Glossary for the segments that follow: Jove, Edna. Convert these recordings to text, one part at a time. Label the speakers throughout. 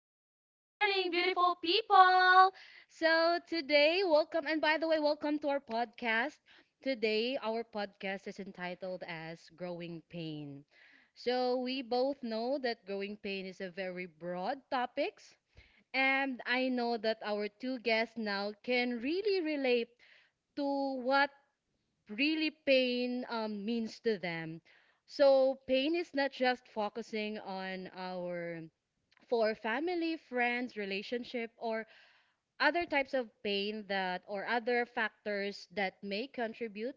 Speaker 1: good morning, beautiful people. So today, welcome, and by the way, welcome to our podcast. Today, our podcast is entitled as Growing Pain. So, we both know that growing pain is a very broad topics, and I know that our two guests now can really relate to what really pain means to them. So, pain is not just focusing on our for family, friends, relationship, or other types of pain that or other factors that may contribute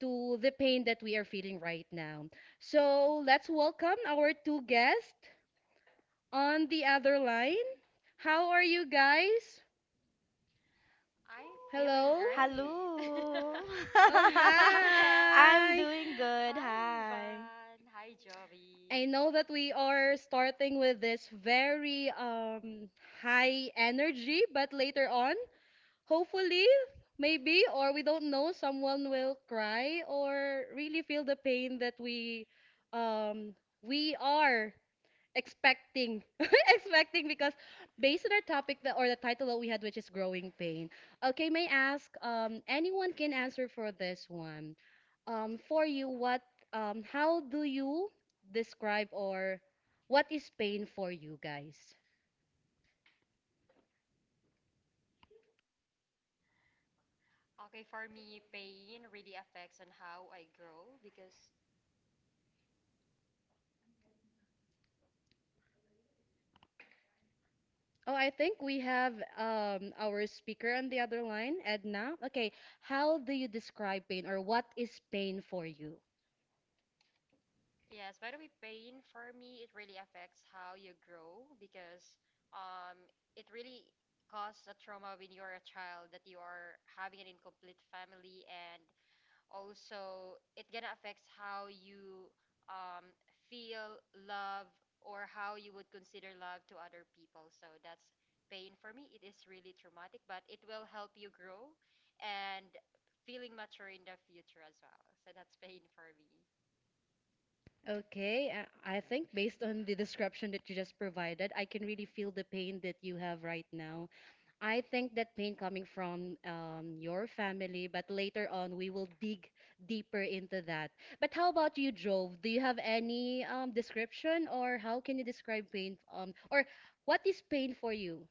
Speaker 1: to the pain that we are feeling right now. So let's welcome our two guests on the other line. How are you guys?
Speaker 2: I'm feeling
Speaker 1: Hello?
Speaker 2: great.
Speaker 3: Hello.
Speaker 1: Oh,
Speaker 2: Yes.
Speaker 3: I'm
Speaker 1: hi!
Speaker 3: doing good.
Speaker 2: Hi,
Speaker 3: Hi.
Speaker 2: Ivan. Hi,
Speaker 1: I
Speaker 2: Joey.
Speaker 1: know that we are starting with this very high energy, but later on hopefully maybe or we don't know someone will cry or really feel the pain that um we are expecting expecting because based on our topic that, or the title that we had which is growing pain. Okay, may I ask, anyone can answer for this one, for you, what how do you describe or what is pain for you guys?
Speaker 2: Okay, for me, pain really affects on how I grow because,
Speaker 1: Oh, I think we have our speaker on the other line, Edna. Okay, how do you describe pain or what is pain for you?
Speaker 2: yes, by the way, pain for me, it really affects how you grow because um, it really causes a trauma when you are a child that you are having an incomplete family and also it gonna affects how you um, feel love or how you would consider love to other people, so that's pain for me. It is really traumatic, but it will help you grow and feeling mature in the future as well, so that's pain for me.
Speaker 1: Okay, I think based on the description that you just provided, I can really feel the pain that you have right now. I think that pain coming from your family, but later on we will dig deeper into that. But how about you, Jove? Do you have any description or how can you describe pain? Or what is pain for you?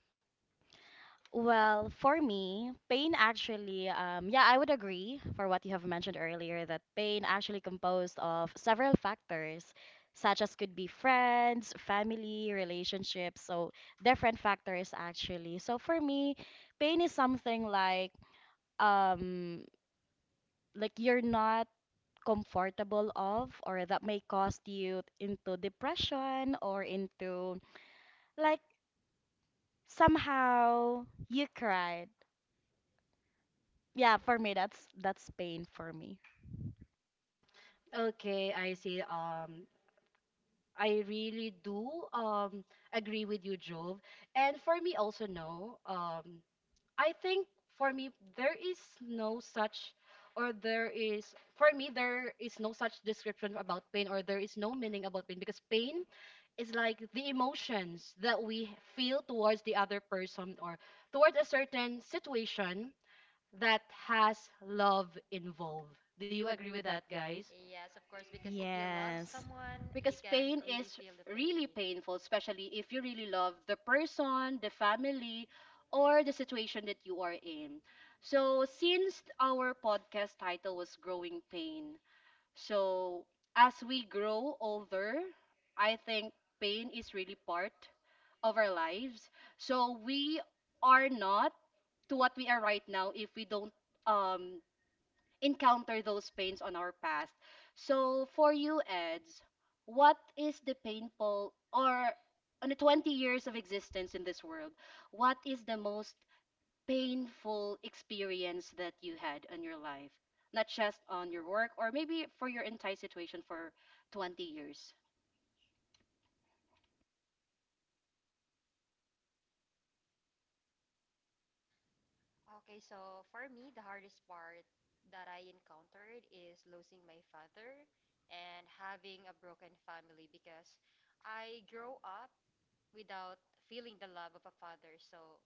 Speaker 3: Well, for me, pain actually, yeah, I would agree for what you have mentioned earlier that pain actually composed of several factors, such as could be friends, family, relationships, so different factors actually. So for me, pain is something um like you're not comfortable of, or that may cause you into depression or into like somehow you cried. Yeah, for me that's pain for me.
Speaker 1: Okay, I see. I really do agree with you, Jove. And for me also, no. I think for me there is no such, or there is for me there is no such description about pain, or there is no meaning about pain because pain is like the emotions that we feel towards the other person or towards a certain situation that has love involved. Do you agree with that, guys?
Speaker 2: Yes, of course, because if you love
Speaker 3: Yes.
Speaker 2: someone you
Speaker 1: Because
Speaker 2: can
Speaker 1: pain
Speaker 2: really
Speaker 1: is
Speaker 2: feel the
Speaker 1: really
Speaker 2: pain.
Speaker 1: painful, especially if you really love the person, the family, or the situation that you are in. So, since our podcast title was Growing Pain, so as we grow older, I think pain is really part of our lives. So, we are not to what we are right now if we don't um encounter those pains on our past. So for you, Eds, what is the painful or on the 20 years of existence in this world, what is the most painful experience that you had in your life? Not just on your work or maybe for your entire situation for 20 years.
Speaker 2: Okay, so for me, the hardest part that I encountered is losing my father and having a broken family, because I grow up without feeling the love of a father. So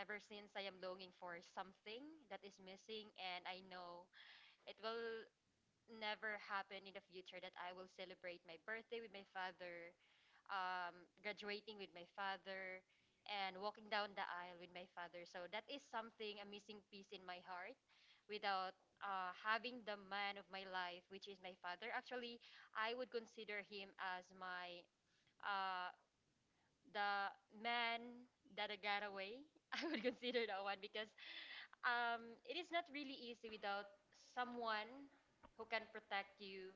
Speaker 2: ever since I am longing for something that is missing, and I know it will never happen in the future that I will celebrate my birthday with my father, graduating with my father, and walking down the aisle with my father. So that is something, a missing piece in my heart without having the man of my life, which is my father. Actually, I would consider him as my uh, the man that I got away. I would consider that one because it is not really easy without someone who can protect you,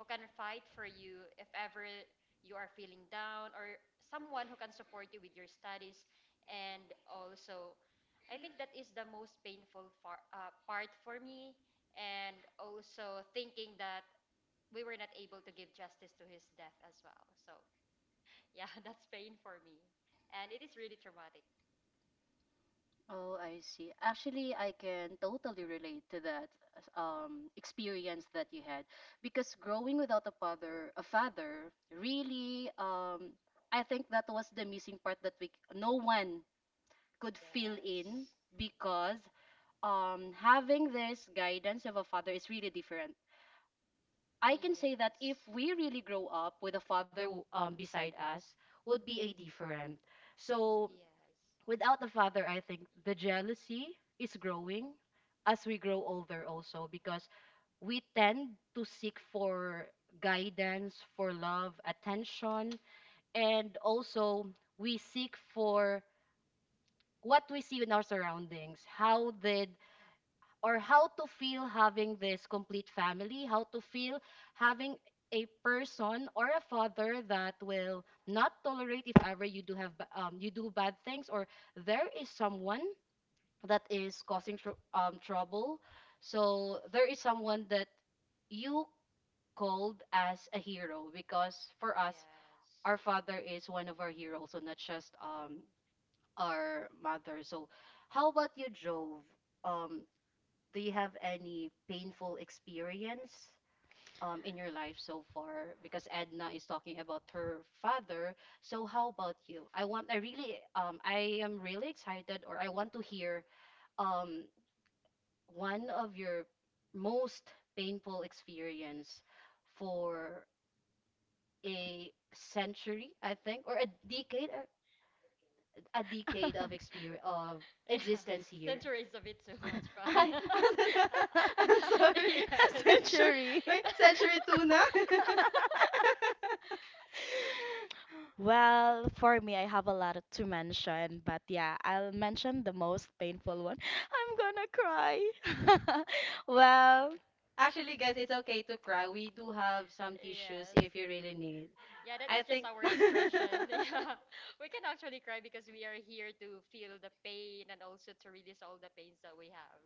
Speaker 2: who can fight for you if ever you are feeling down, or someone who can support you with your studies. And also, I think that is the most painful part for
Speaker 1: uh,
Speaker 2: me. And also, thinking that we were not able to give justice to his death as well. So, yeah, that's pain for me. And it is really traumatic.
Speaker 1: Oh, I see. Actually, I can totally relate to that experience that you had because growing without a father, a father, really, I think that was the missing part that we no one could fill in
Speaker 2: Yes.
Speaker 1: because having this guidance of a father is really different.
Speaker 2: Yes.
Speaker 1: I can say that if
Speaker 2: Yes.
Speaker 1: we really grow
Speaker 2: Yes.
Speaker 1: up with a father beside us, would be a different. So without the father, I think the jealousy is growing as we grow older also because we tend to seek for guidance, for love, attention, and also we seek for what we see in our surroundings. How did or how to feel having this complete family, how to feel having a person or a father that will not tolerate if ever you do have you do bad things or there is someone that is causing trouble. So there is someone that you called as a hero because for us, our father is one of our heroes, so not just our mother. So how about you, Jove? Um, do you have any painful experience in your life so far? Because Edna is talking about her father. So how about you? I really, I am really excited, or I want to hear um, one of your most painful experience for a century, I think, or a decade of experience of
Speaker 2: Yeah,
Speaker 1: existence here.
Speaker 2: center is a bit too much fun.
Speaker 1: I don't know. I'm sorry.
Speaker 3: A
Speaker 2: Yes.
Speaker 1: Century,
Speaker 3: century.
Speaker 1: my century tuna.
Speaker 3: Well, for me, I have a lot to mention, but yeah, I'll mention the most painful one. I'm gonna cry. Well,
Speaker 1: Actually, guys, it's okay to cry. We do have some tissues
Speaker 2: Yes.
Speaker 1: if you really need.
Speaker 2: Yeah, that is
Speaker 1: I
Speaker 2: just
Speaker 1: think.
Speaker 2: our expression. Yeah, we can actually cry because we are here to feel the pain and also to release all the pains that we have.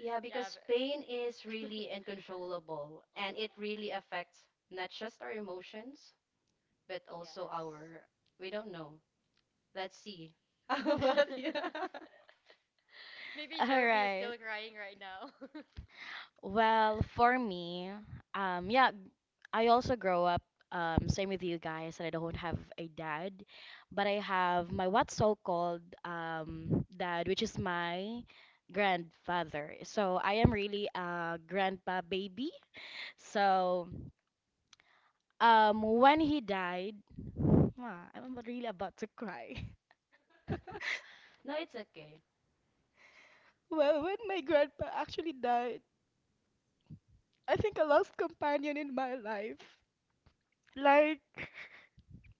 Speaker 1: Yeah,
Speaker 2: Yeah.
Speaker 1: because
Speaker 2: But...
Speaker 1: pain is really uncontrollable and it really affects not just our emotions, but also
Speaker 2: yes.
Speaker 1: our, we don't know. Let's see. How about you?
Speaker 2: Maybe
Speaker 3: All
Speaker 2: Joby is
Speaker 3: right.
Speaker 2: still crying right now. Oh, that
Speaker 3: Well, for me, yeah, I also grow up, same with you guys, that I don't have a dad, but I have my what's so-called dad, which is my grandfather. So I am really a grandpa baby. So when he died, ah, I'm really about to cry.
Speaker 1: No, it's okay.
Speaker 3: Grandpa, actually, I think a lost companion in my life. Like,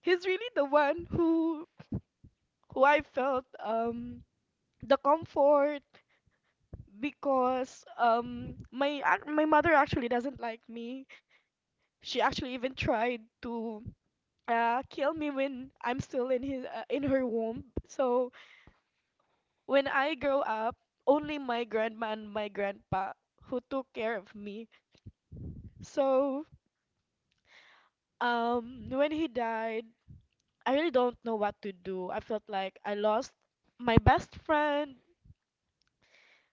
Speaker 3: he's really the one who I felt the comfort because my mother actually doesn't like me. She actually even tried to kill me when I'm still in his in her womb. So when I grow up, only my grandma and my grandpa who took care of me. So when he died, I really don't know what to do. I felt like I lost my best friend,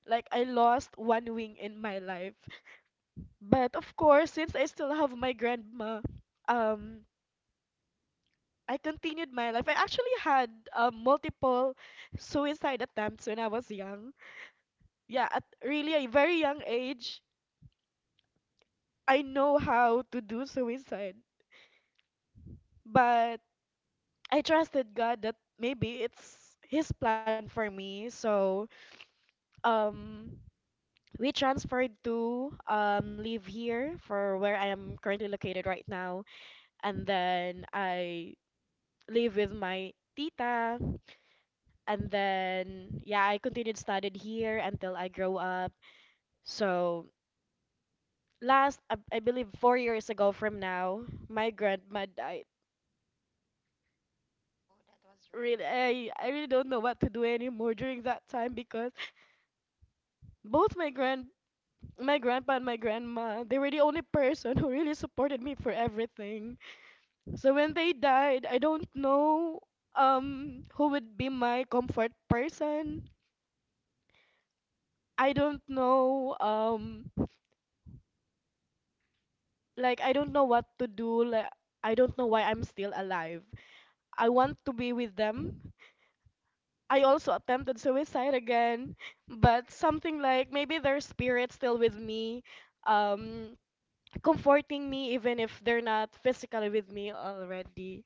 Speaker 3: like I lost one wing in my life. But of course, since I still have my grandma, um, I continued my life. I actually had multiple suicide attempts when I was young. Yeah, at really a very young age, I know how to do suicide. But I trusted God that maybe it's His plan for me. So um, we transferred to live here for where I am currently located right now. And then I live with my tita. And then, yeah, I continued studied here until I grow up. So, last, I believe 4 years ago from now, my grandma died.
Speaker 2: was really
Speaker 3: Really,
Speaker 2: sad.
Speaker 3: I really
Speaker 2: Jo.
Speaker 3: don't know what to do anymore during that time because both my grandpa and my grandma, they were the only person who really supported me for everything. So when they died, I don't know who would be my comfort person. I don't know like I don't know what to do. Like I don't know why I'm still alive. I want to be with them. I also attempted suicide again, but something like maybe their spirit still with me, um, comforting me even if they're not physically with me already.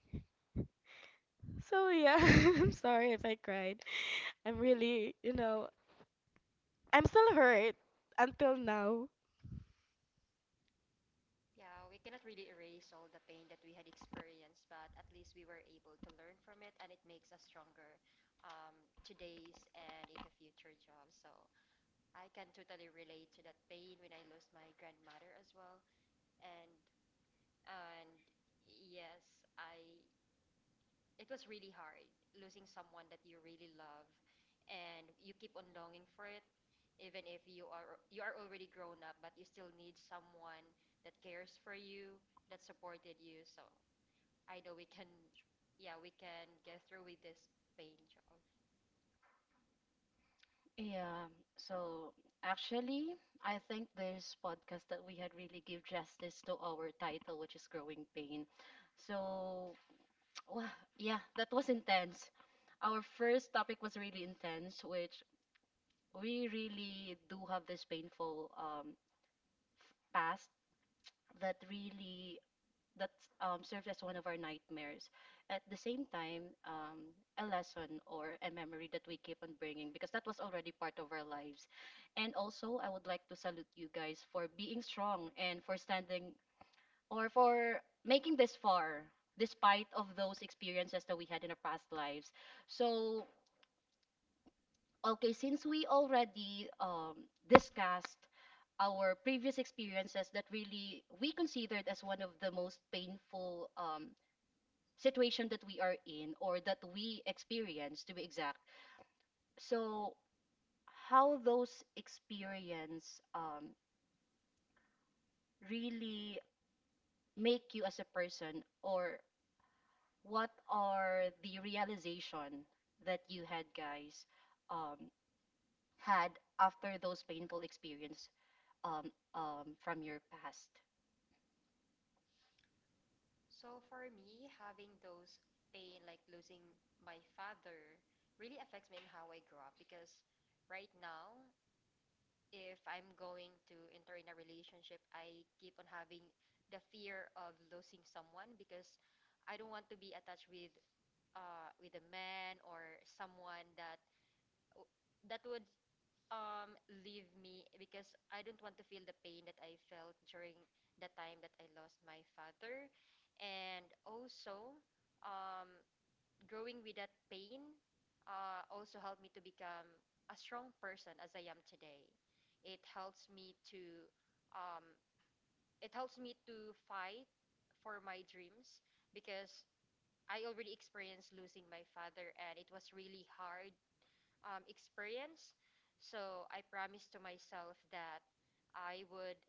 Speaker 3: So yeah, I'm sorry if I cried. I'm really, you know, I'm still hurt until now.
Speaker 2: Yeah, we cannot really erase all the pain that we had experienced, but at least we were able to learn from it, and it makes us stronger, um, today's and in the future job. So I can totally relate to that pain when I lost my grandmother as well. And and yes, I, it was really hard losing someone that you really love and you keep on longing for it even if you are already grown up, but you still need someone that cares for you, that supported you. So I know we can, yeah, we can get through with this pain job.
Speaker 1: Yeah, so actually, I think this podcast that we had really give justice to our title, which is Growing Pain. So, wow, yeah, that was intense. Our first topic was really intense, which we really do have this painful past that really that served as one of our nightmares. At the same time, a lesson or a memory that we keep on bringing because that was already part of our lives. And also, I would like to salute you guys for being strong and for standing or for making this far despite of those experiences that we had in our past lives. So, okay, since we already discussed our previous experiences that really we considered as one of the most painful situation that we are in or that we experience to be exact, so how those experience really make you as a person, or what are the realization that you had guys, um, had after those painful experience, from your past?
Speaker 2: So for me, having those pain, like losing my father, really affects me in how I grow up because right now, if I'm going to enter in a relationship, I keep on having the fear of losing someone because I don't want to be attached with a man or someone that would um leave me, because I don't want to feel the pain that I felt during the time that I lost my father. And also, um growing with that pain also helped me to become a strong person as I am today. It helps me to, um it helps me to fight for my dreams, because I already experienced losing my father and it was really hard experience. So I promised to myself that I would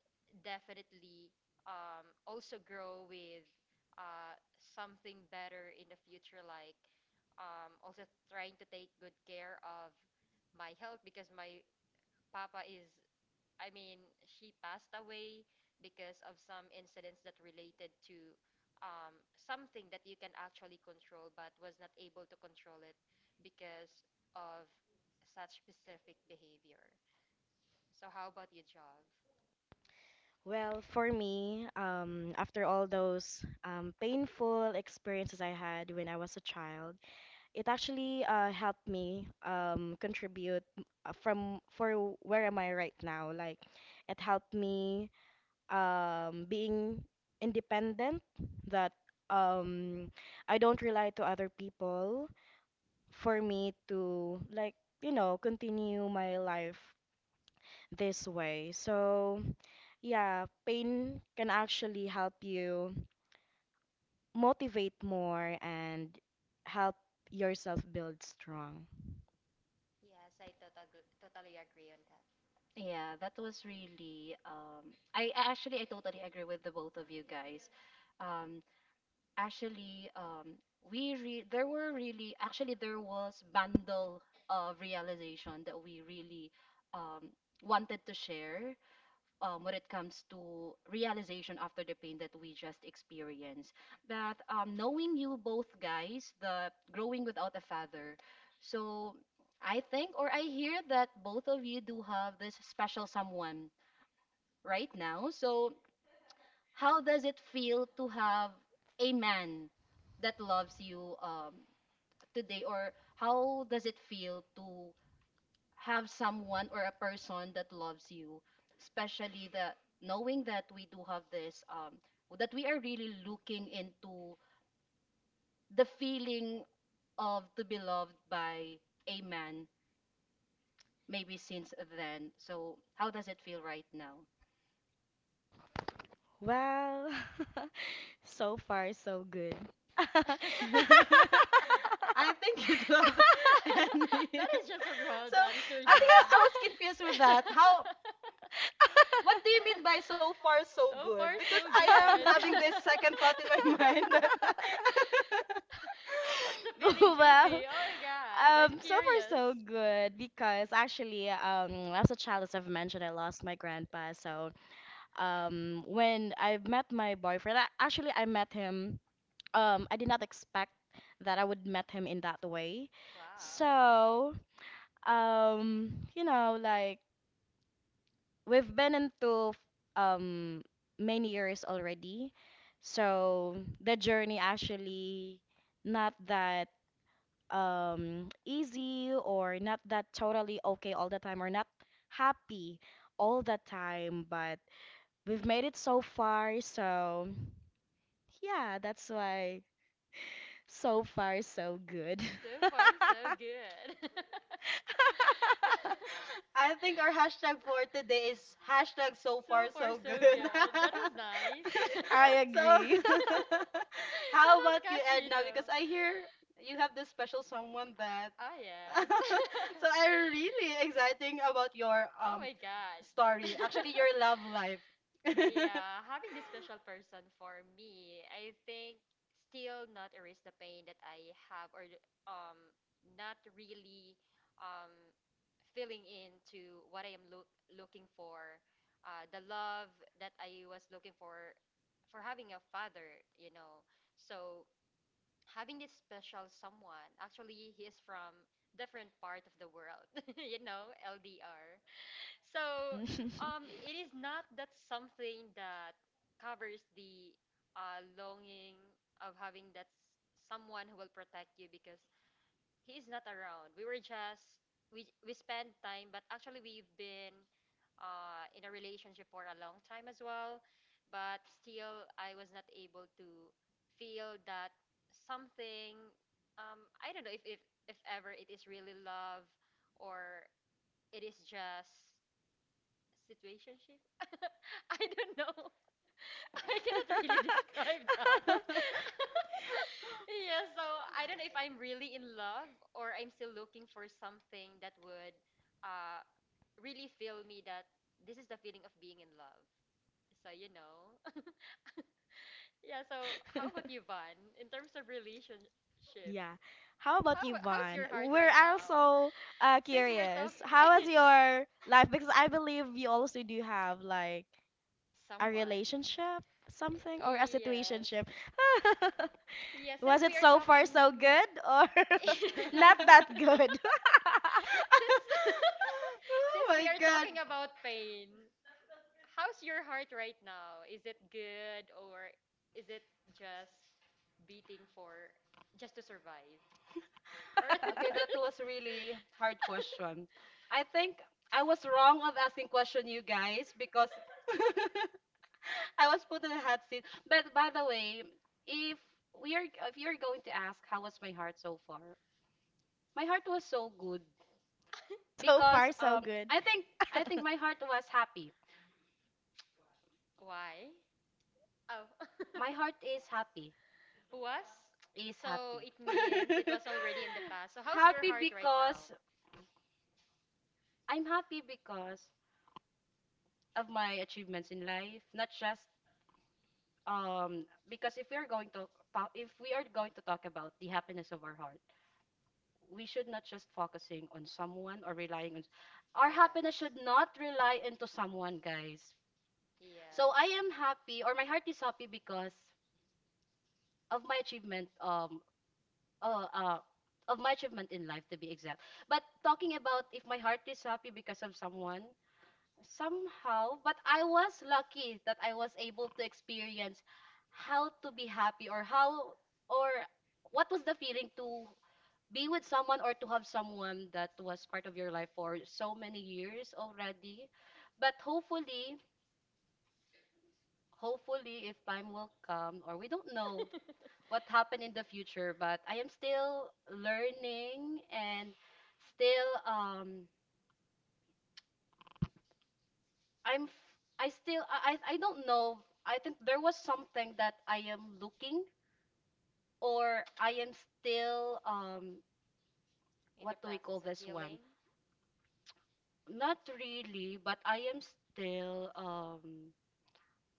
Speaker 2: definitely, also grow with something better in the future, like also trying to take good care of my health, because my papa is, I mean, she passed away because of some incidents that related to something that you can actually control but was not able to control it because of such specific behavior. So, how about you, Jov?
Speaker 3: Well, for me, after all those painful experiences I had when I was a child, it actually helped me contribute from for where am I right now. Like, it helped me being independent, that um, I don't rely to other people for me to like, you know, continue my life this way. So, yeah, pain can actually help you motivate more and help yourself build strong.
Speaker 2: Yes, I totally agree on that.
Speaker 1: Yeah, that was really um, I actually I totally agree with the both of you guys, um, actually we re- there were really actually there was bundle of realization that we really um wanted to share when it comes to realization after the pain that we just experienced. But knowing you both guys the growing without a father, so I think or I hear that both of you do have this special someone right now. So how does it feel to have a man that loves you today, or how does it feel to have someone or a person that loves you, especially the knowing that we do have this, that we are really looking into the feeling of to be loved by a man, maybe since then. So, how does it feel right now?
Speaker 3: Well, so far so good.
Speaker 1: I think you do have any.
Speaker 2: That is just a broad
Speaker 1: So
Speaker 2: answer,
Speaker 1: I think
Speaker 2: Jov.
Speaker 1: I was confused with that. How? What do you mean by so far so
Speaker 2: So
Speaker 1: good?
Speaker 2: far,
Speaker 1: Because
Speaker 2: so
Speaker 1: I am
Speaker 2: good.
Speaker 1: having this second thought in my mind that.
Speaker 2: What's the feeling,
Speaker 3: Well,
Speaker 2: Juby? Oh my god, I'm
Speaker 3: so far
Speaker 2: curious.
Speaker 3: so good because actually, as a child, as I've mentioned, I lost my grandpa, so when I met my boyfriend. Actually, I met him. I did not expect that I would met him in that way.
Speaker 2: Wow.
Speaker 3: So, you know, like we've been into um many years already. So the journey actually not that easy or not that totally okay all the time or not happy all the time, but we've made it so far. So yeah, that's why so far so good.
Speaker 2: So far, so good.
Speaker 1: I think our hashtag for today is hashtag so
Speaker 2: So
Speaker 1: far
Speaker 2: far,
Speaker 1: so
Speaker 2: so
Speaker 1: good.
Speaker 2: good. That was nice.
Speaker 3: I
Speaker 1: So
Speaker 3: agree.
Speaker 2: That
Speaker 1: how
Speaker 2: was
Speaker 1: about you
Speaker 2: catchy,
Speaker 1: Edna?
Speaker 2: though.
Speaker 1: Because I hear you have this special someone that
Speaker 2: Oh yes.
Speaker 1: so I'm really exciting about your
Speaker 2: Oh my god. That
Speaker 1: story. Actually your love life.
Speaker 2: yeah, having this special person for me, I think still not erase the pain that I have, or um not really, um filling into what I am looking for, the love that I was looking for having a father, you know. So having this special someone, actually he is from different part of the world, you know, LDR. So it is not that something that covers the longing of having that someone who will protect you, because he is not around. We were just, we spend time, but actually we've been in a relationship for a long time as well. But still, I was not able to feel that something. I don't know if, if ever it is really love or it is just situationship. I don't know. I cannot really describe that. Yeah, so I don't know if I'm really in love or I'm still looking for something that would uh, really feel me that this is the feeling of being in love. So you know. Yeah, so how about you, Van? In terms of relationship,
Speaker 3: Yeah. How
Speaker 2: how
Speaker 3: about you,
Speaker 2: how's
Speaker 3: Vaughn?
Speaker 2: your heart
Speaker 3: We're
Speaker 2: right now?
Speaker 3: also
Speaker 2: Since we are
Speaker 3: curious.
Speaker 2: talking
Speaker 3: How was your life? Because I believe you also do have like a
Speaker 2: someone.
Speaker 3: relationship, something, or a
Speaker 2: Yes.
Speaker 3: situationship.
Speaker 2: Yeah,
Speaker 3: Was
Speaker 2: since
Speaker 3: it
Speaker 2: we are
Speaker 3: so far
Speaker 2: talking
Speaker 3: so good or
Speaker 2: yes.
Speaker 3: not that good?
Speaker 2: Since
Speaker 1: oh
Speaker 2: since we
Speaker 1: my
Speaker 2: are
Speaker 1: god.
Speaker 2: talking about pain, how's your heart right now? Is it good, or is it just beating for just to survive? Or
Speaker 1: Okay, that
Speaker 2: there's-
Speaker 1: was really hard question. I think I was wrong of asking question you guys because I was put in a hot seat. But by the way, if we are if you're going to ask how was my heart so far, my heart was so good
Speaker 3: So
Speaker 2: So
Speaker 1: because
Speaker 3: far, so good.
Speaker 1: I think my heart was happy.
Speaker 2: why? Oh.
Speaker 1: My heart is happy.
Speaker 2: Was?
Speaker 1: Is
Speaker 2: So
Speaker 1: happy.
Speaker 2: it means it was already in the past. So how's your
Speaker 1: Happy
Speaker 2: heart right
Speaker 1: because
Speaker 2: now?
Speaker 1: I'm happy because of my achievements in life, not just um because if we are going to if we are going to talk about the happiness of our heart, we should not just focusing on someone or relying on, our happiness should not
Speaker 2: Yes.
Speaker 1: rely into someone guys. So I
Speaker 2: Yes.
Speaker 1: am happy or my heart is happy because of my achievement um uh, uh of my achievement in life, to be exact. But talking about if my heart is happy because of someone, somehow, but I was lucky that I was able to experience how to be happy or how or what was the feeling to be with someone or to have someone that was part of your life for so many years already. But hopefully hopefully if time will come or we don't know what happened in the future, but I am still learning and still I'm f- I still I don't know. I think there was something that I am looking or I am still
Speaker 2: In
Speaker 1: what
Speaker 2: the
Speaker 1: do we call
Speaker 2: process of
Speaker 1: this one?
Speaker 2: healing?
Speaker 1: Not really, but I am still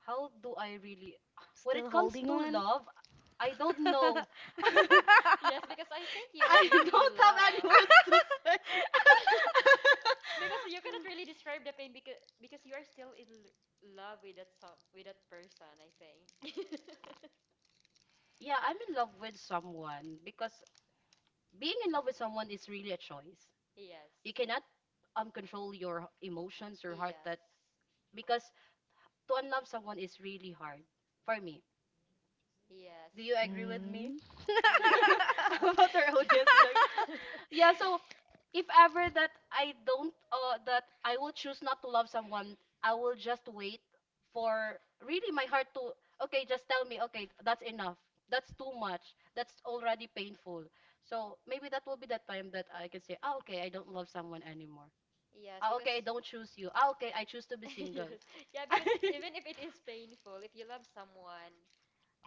Speaker 1: how do I really when it
Speaker 3: Still
Speaker 1: comes
Speaker 3: holding
Speaker 1: to
Speaker 3: on.
Speaker 1: love, I don't know.
Speaker 2: Yes, because I think you're
Speaker 1: I
Speaker 2: really in
Speaker 1: don't have any
Speaker 2: love.
Speaker 1: words to say.
Speaker 2: Because you cannot really describe the pain, because you are still in love with that song, with that person, I think.
Speaker 1: Yeah, I'm in love with someone because being in love with someone is really a choice.
Speaker 2: Yes.
Speaker 1: You cannot
Speaker 2: Yes.
Speaker 1: control your emotions, your heart that because to unlove someone is really hard for me.
Speaker 2: Yes.
Speaker 1: Do you agree with me?
Speaker 3: Mm.
Speaker 1: How about our
Speaker 2: Yes.
Speaker 1: audience. Yeah, so if ever that I don't that I will choose not to love someone, I will just wait for really my heart to okay, just tell me, okay, that's enough. That's too much. That's already painful. So maybe that will be the time that I can say, ah, okay, I don't love someone anymore.
Speaker 2: Yes,
Speaker 1: Ah,
Speaker 2: because
Speaker 1: okay, I don't choose you. Ah, okay, I choose to be single.
Speaker 2: yes. Yeah, because even if it is painful, if you love someone,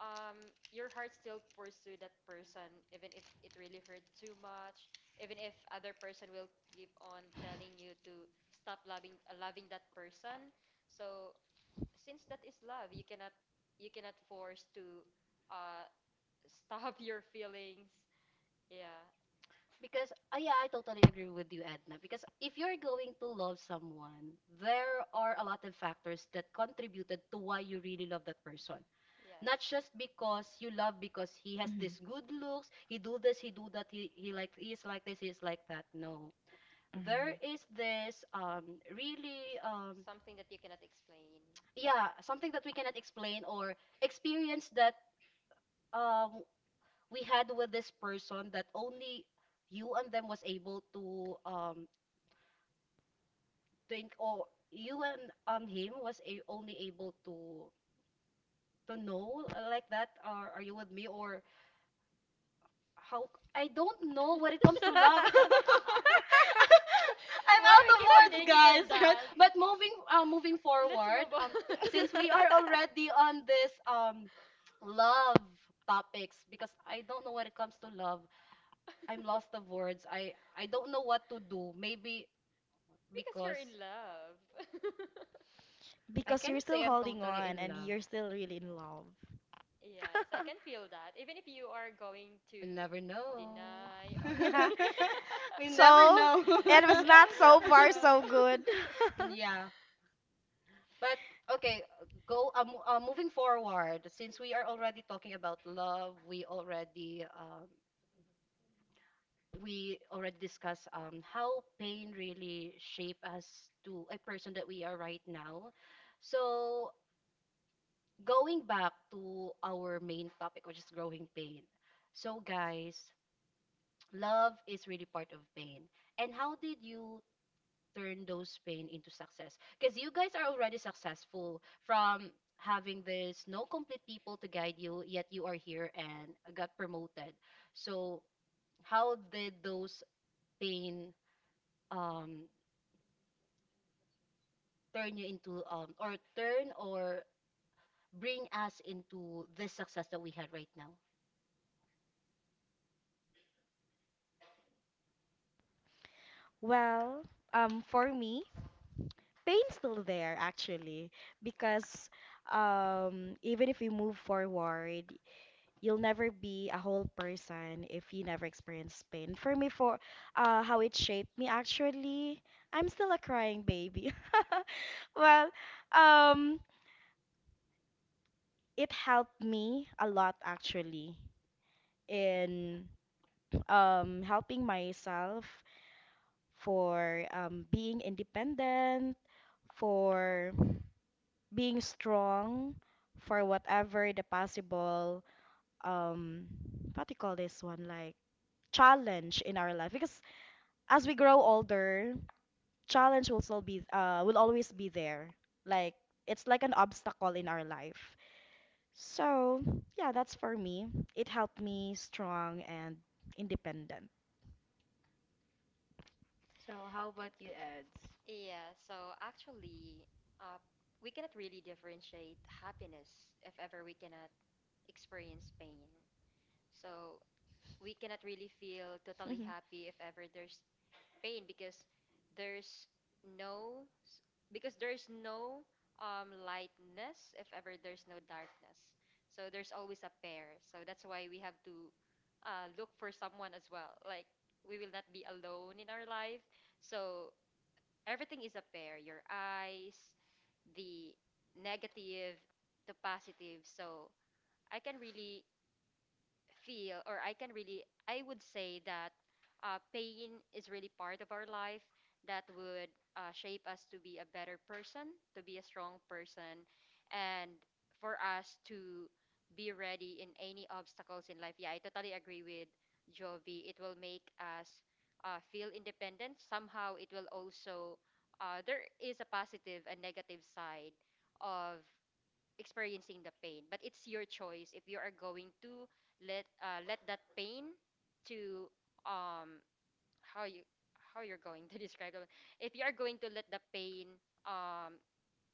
Speaker 2: your heart still pursue that person even if it really hurts too much, even if other person will keep on telling you to stop loving, loving that person. So since that is love, you cannot, you cannot force to uh stop your feelings. Yeah.
Speaker 1: Because, yeah, I totally agree with you, Edna. Because if you're going to love someone, there are a lot of factors that contributed to why you really love that person.
Speaker 2: Yes.
Speaker 1: Not just because you love because he has
Speaker 3: Mhm.
Speaker 1: this good looks, he do this, he do that, he is like this, he is like that. No, there
Speaker 3: Alright.
Speaker 1: is this really
Speaker 2: Something that you cannot explain.
Speaker 1: yeah, something that we cannot explain or experience that um we had with this person that only you and them was able to in- or you and him only able to know, like that, or are you with me, or how? I don't know when it comes to love. I'm
Speaker 2: Why
Speaker 1: out
Speaker 2: we
Speaker 1: of
Speaker 2: keep on
Speaker 1: words,
Speaker 2: digging
Speaker 1: guys.
Speaker 2: on
Speaker 1: Right,
Speaker 2: that?
Speaker 1: but moving
Speaker 2: Let's move
Speaker 1: forward,
Speaker 2: on.
Speaker 1: since we are already on this love topics, because I don't know when it comes to love, I'm lost of words. I don't know what to do. Maybe
Speaker 2: Because you're
Speaker 1: because
Speaker 2: in love.
Speaker 1: I
Speaker 3: Because you're
Speaker 1: cannot
Speaker 3: still
Speaker 1: say I'm
Speaker 3: holding
Speaker 1: totally
Speaker 3: on
Speaker 1: in
Speaker 3: and
Speaker 1: love.
Speaker 3: you're still really in love.
Speaker 2: Yes, I can feel that. Even if you are going
Speaker 1: We
Speaker 2: to
Speaker 1: never know.
Speaker 2: deny, or
Speaker 1: We never
Speaker 3: So
Speaker 1: know.
Speaker 3: it was not
Speaker 2: you'll
Speaker 3: so
Speaker 2: never
Speaker 3: far
Speaker 2: know.
Speaker 3: so good.
Speaker 1: Yeah. But okay, moving forward, since we are already talking about love, we already discussed how pain really shape us to a person that we are right now. So, going back to our main topic, which is growing pain. So, guys, love is really part of pain. And how did you turn those pain into success? Because you guys are already successful from having this no complete people to guide you, yet you are here and got promoted. So, how did those pain um, turn you into, or turn or bring us into this success that we had right now?
Speaker 3: Well, for me, pain's still there actually because even if you move forward, you'll never be a whole person if you never experience pain. For me, for how it shaped me, actually, I'm still a crying baby. Well, um it helped me a lot actually in helping myself for being independent, for being strong for whatever the possible um what do you call this one, like challenge in our life, because as we grow older, challenge will still be will always be there. Like it's like an obstacle in our life. So yeah, that's for me. It helped me strong and independent.
Speaker 1: So how about you, Eds?
Speaker 2: Yeah, so actually, uh, we cannot really differentiate happiness if ever we cannot experience pain. So we cannot really feel totally happy if ever there's pain, because there's no s- no lightness if ever there's no darkness. So there's always a pair. So that's why we have to look for someone as well. Like, we will not be alone in our life. So everything is a pair, your eyes, the negative, the positive. So I can really feel, or I can really, I would say that pain is really part of our life that would shape us to be a better person, to be a strong person, and for us to be ready in any obstacles in life. Yeah, I totally agree with Jovi. It will make us feel independent. Somehow, it will also, there is a positive and negative side of experiencing the pain, but it's your choice if you are going to let, let that pain to, um how you, how you're going to describe it, if you are going to let the pain um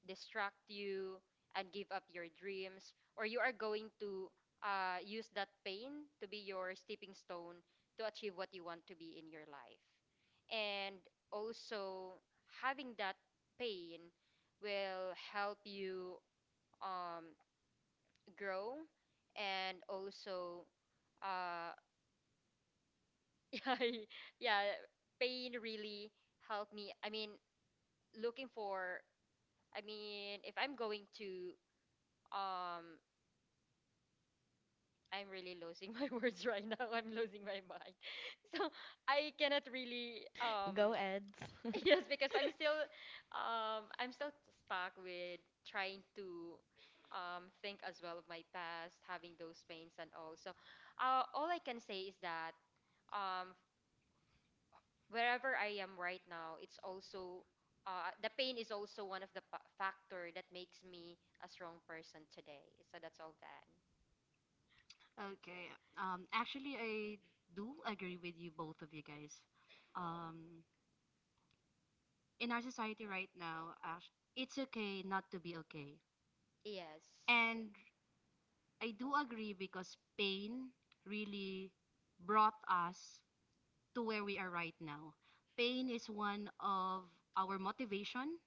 Speaker 2: distract you and give up your dreams, or you are going to use that pain to be your stepping stone to achieve what you want to be in your life. And also, having that pain will help you um grow, and also, uh yeah, yeah pain really helped me, I mean, looking for, I mean, if I'm going to, um I'm really losing my words right now, I'm losing my mind. So I cannot really,
Speaker 3: Go, Eds.
Speaker 2: yes, because I'm still, I'm still stuck with trying to think as well of my past, having those pains and all. So all I can say is that um wherever I am right now, it's also, the pain is also one of the factor that makes me a strong person today. So that's all that.
Speaker 1: Okay. Actually, I do agree with you, both of you guys. Um, in our society right now, it's okay not to be okay.
Speaker 2: Yes.
Speaker 1: And I do agree because pain really brought us to where we are right now. Pain is one of our motivation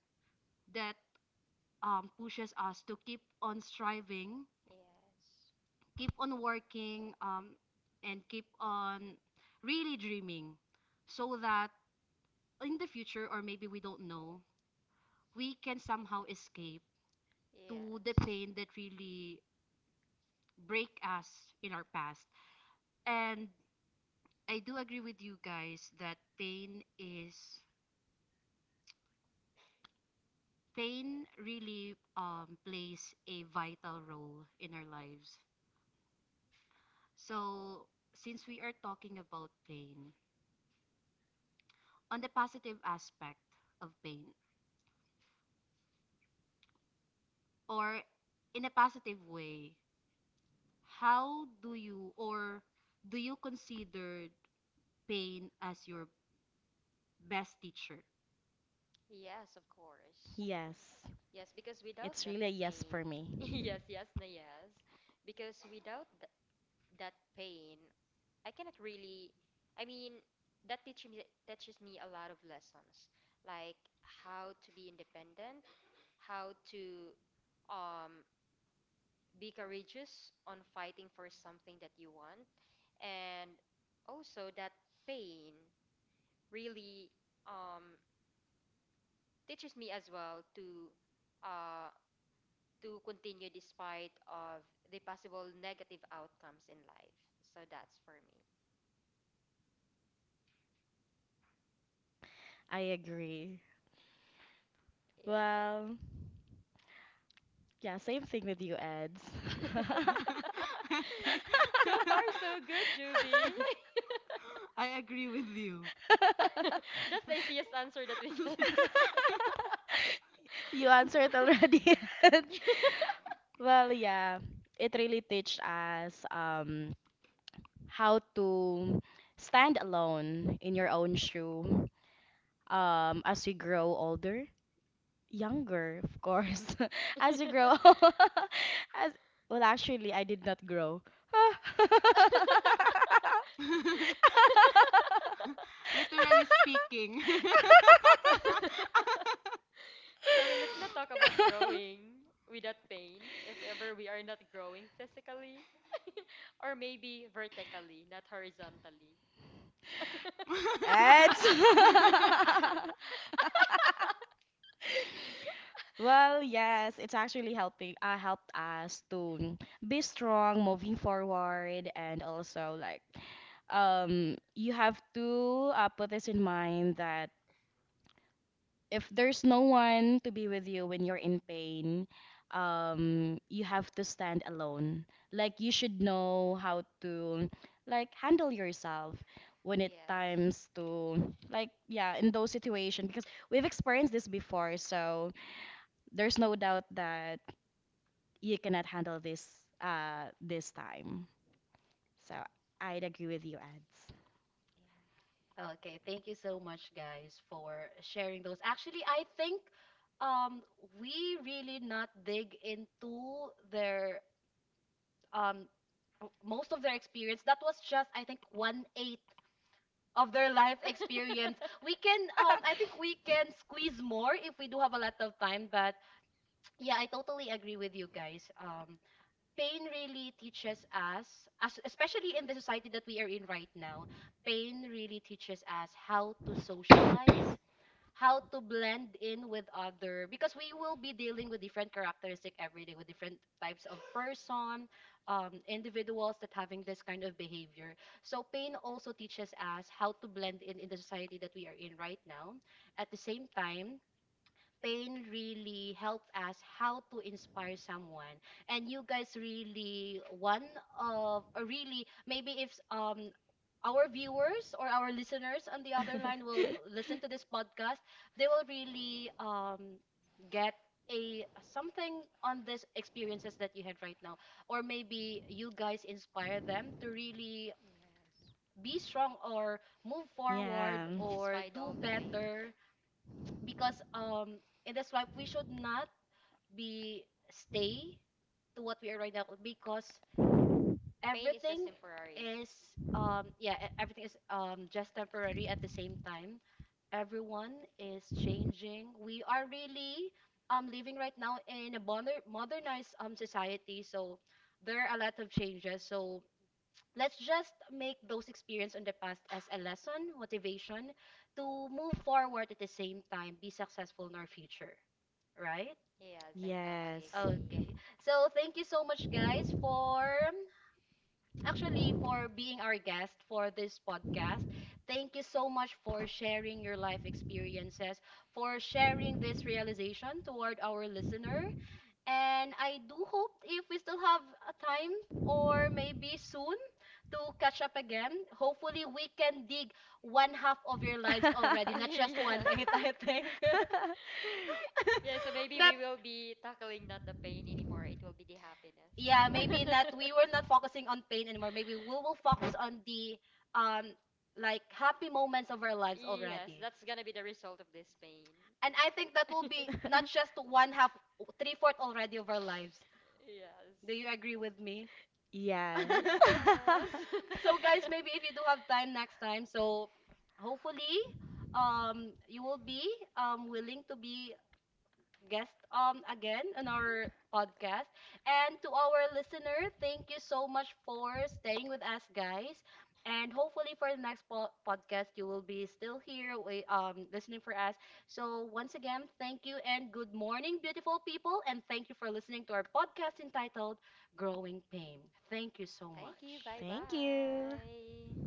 Speaker 1: that pushes us to keep on striving,
Speaker 2: Yes.
Speaker 1: keep on working, and keep on really dreaming so that in the future, or maybe we don't know, we can somehow escape to the
Speaker 2: Yes.
Speaker 1: pain that really break us in our past. And I do agree with you guys that pain really plays a vital role in our lives. So since we are talking about pain, on the positive aspect of pain, or in a positive way, how do you or do you consider pain as your best teacher?
Speaker 2: Yes, of course.
Speaker 3: Yes,
Speaker 2: Yes, because without
Speaker 3: it's
Speaker 2: that
Speaker 3: really a yes
Speaker 2: pain,
Speaker 3: for me.
Speaker 2: yes, yes, na yes. Because without that pain, I cannot really, I mean, that teaches me, a lot of lessons, like how to be independent, how to, um, be courageous on fighting for something that you want, and also that pain really, um, teaches me as well to, uh, to continue despite of the possible negative outcomes in life. So that's for me.
Speaker 3: I agree. Well,
Speaker 2: Yes.
Speaker 3: yeah, same thing with you, Eds.
Speaker 1: I think-
Speaker 2: So far, so good, Juby.
Speaker 1: I agree with you.
Speaker 2: That's the easiest answer that we can.
Speaker 3: You answered already. Eds. Well, yeah, it really teach us how to stand alone in your own shoe, as we grow older. Younger, of course.
Speaker 2: So,
Speaker 3: As you grow, as well, actually, I did not grow.
Speaker 1: Literally speaking.
Speaker 2: well, let's not talk about growing without pain if ever we are not growing physically, or maybe vertically, not horizontally.
Speaker 3: It's well, yes, it's actually helping. Helped us to be strong moving forward, and also like, you have to put this in mind that if there's no one to be with you when you're in pain, you have to stand alone. Like you should know how to like handle yourself when it
Speaker 2: Yes. Yeah.
Speaker 3: times to like yeah in those situations because we've experienced this before. So there's no doubt that you cannot handle this this time. So I'd agree with you, Ads.
Speaker 1: Okay, thank you so much, guys, for sharing those. Actually, I think um, we really not dig into their um, most of their experience. That was just, I think, one eighth of their life experience. We can, I think, we can squeeze more if we do have a lot of time. But yeah, I totally agree with you guys. Pain really teaches us, especially in the society that we are in right now. Pain really teaches us how to socialize, how to blend in with other, because we will be dealing with different characteristic every day with different types of person, individuals that having this kind of behavior. So pain also teaches us how to blend in the society that we are in right now. At the same time, pain really helped us how to inspire someone. And you guys really, one of or really maybe if our viewers or our listeners on the other line will listen to this podcast, they will really get a something on this experiences that you had right now, or maybe you guys inspire them to really
Speaker 2: Yes.
Speaker 1: be strong or move forward or
Speaker 2: Despite
Speaker 1: do
Speaker 2: all the pain.
Speaker 1: better. Because in this life we should not be stay to what we are right now, because
Speaker 2: Pain is just
Speaker 1: everything
Speaker 2: temporary.
Speaker 1: is everything is just temporary. At the same time, everyone is changing. We are really living right now in a modernized society, so there are a lot of changes. So let's just make those experience in the past as a lesson motivation to move forward, at the same time be successful in our future, right?
Speaker 2: Yes, I
Speaker 3: Yes.
Speaker 2: totally agree.
Speaker 1: Okay, so thank you so much, guys, for actually for being our guest for this podcast. Thank you so much for sharing your life experiences, for sharing this realization toward our listener. And I do hope if we still have a time or maybe soon to catch up again. Hopefully we can dig one half of your lives already, not just one
Speaker 2: Yes.
Speaker 1: eighth, I think.
Speaker 2: Yeah, so maybe
Speaker 1: that
Speaker 2: we will be tackling not the pain anymore. It will be the happiness.
Speaker 1: Yeah, maybe not we were not focusing on pain anymore. Maybe we will focus on the um like happy moments of our lives
Speaker 2: Yes,
Speaker 1: already.
Speaker 2: that's gonna be the result of this pain.
Speaker 1: And I think that will be not just one half, three fourth already of our lives. Do you agree
Speaker 2: Yes.
Speaker 1: with me?
Speaker 3: Yes.
Speaker 2: Yes.
Speaker 1: So guys, maybe if you do have time next time, so hopefully you will be willing to be guest again on our podcast. And to our listener, thank you so much for staying with us, guys. And hopefully for the next podcast, you will be still here we, listening for us. So once again, thank you and good morning, beautiful people. And thank you for listening to our podcast entitled Growing Pain. Thank you so
Speaker 2: Thank you.
Speaker 1: much.
Speaker 2: Bye
Speaker 3: Thank you.
Speaker 2: bye.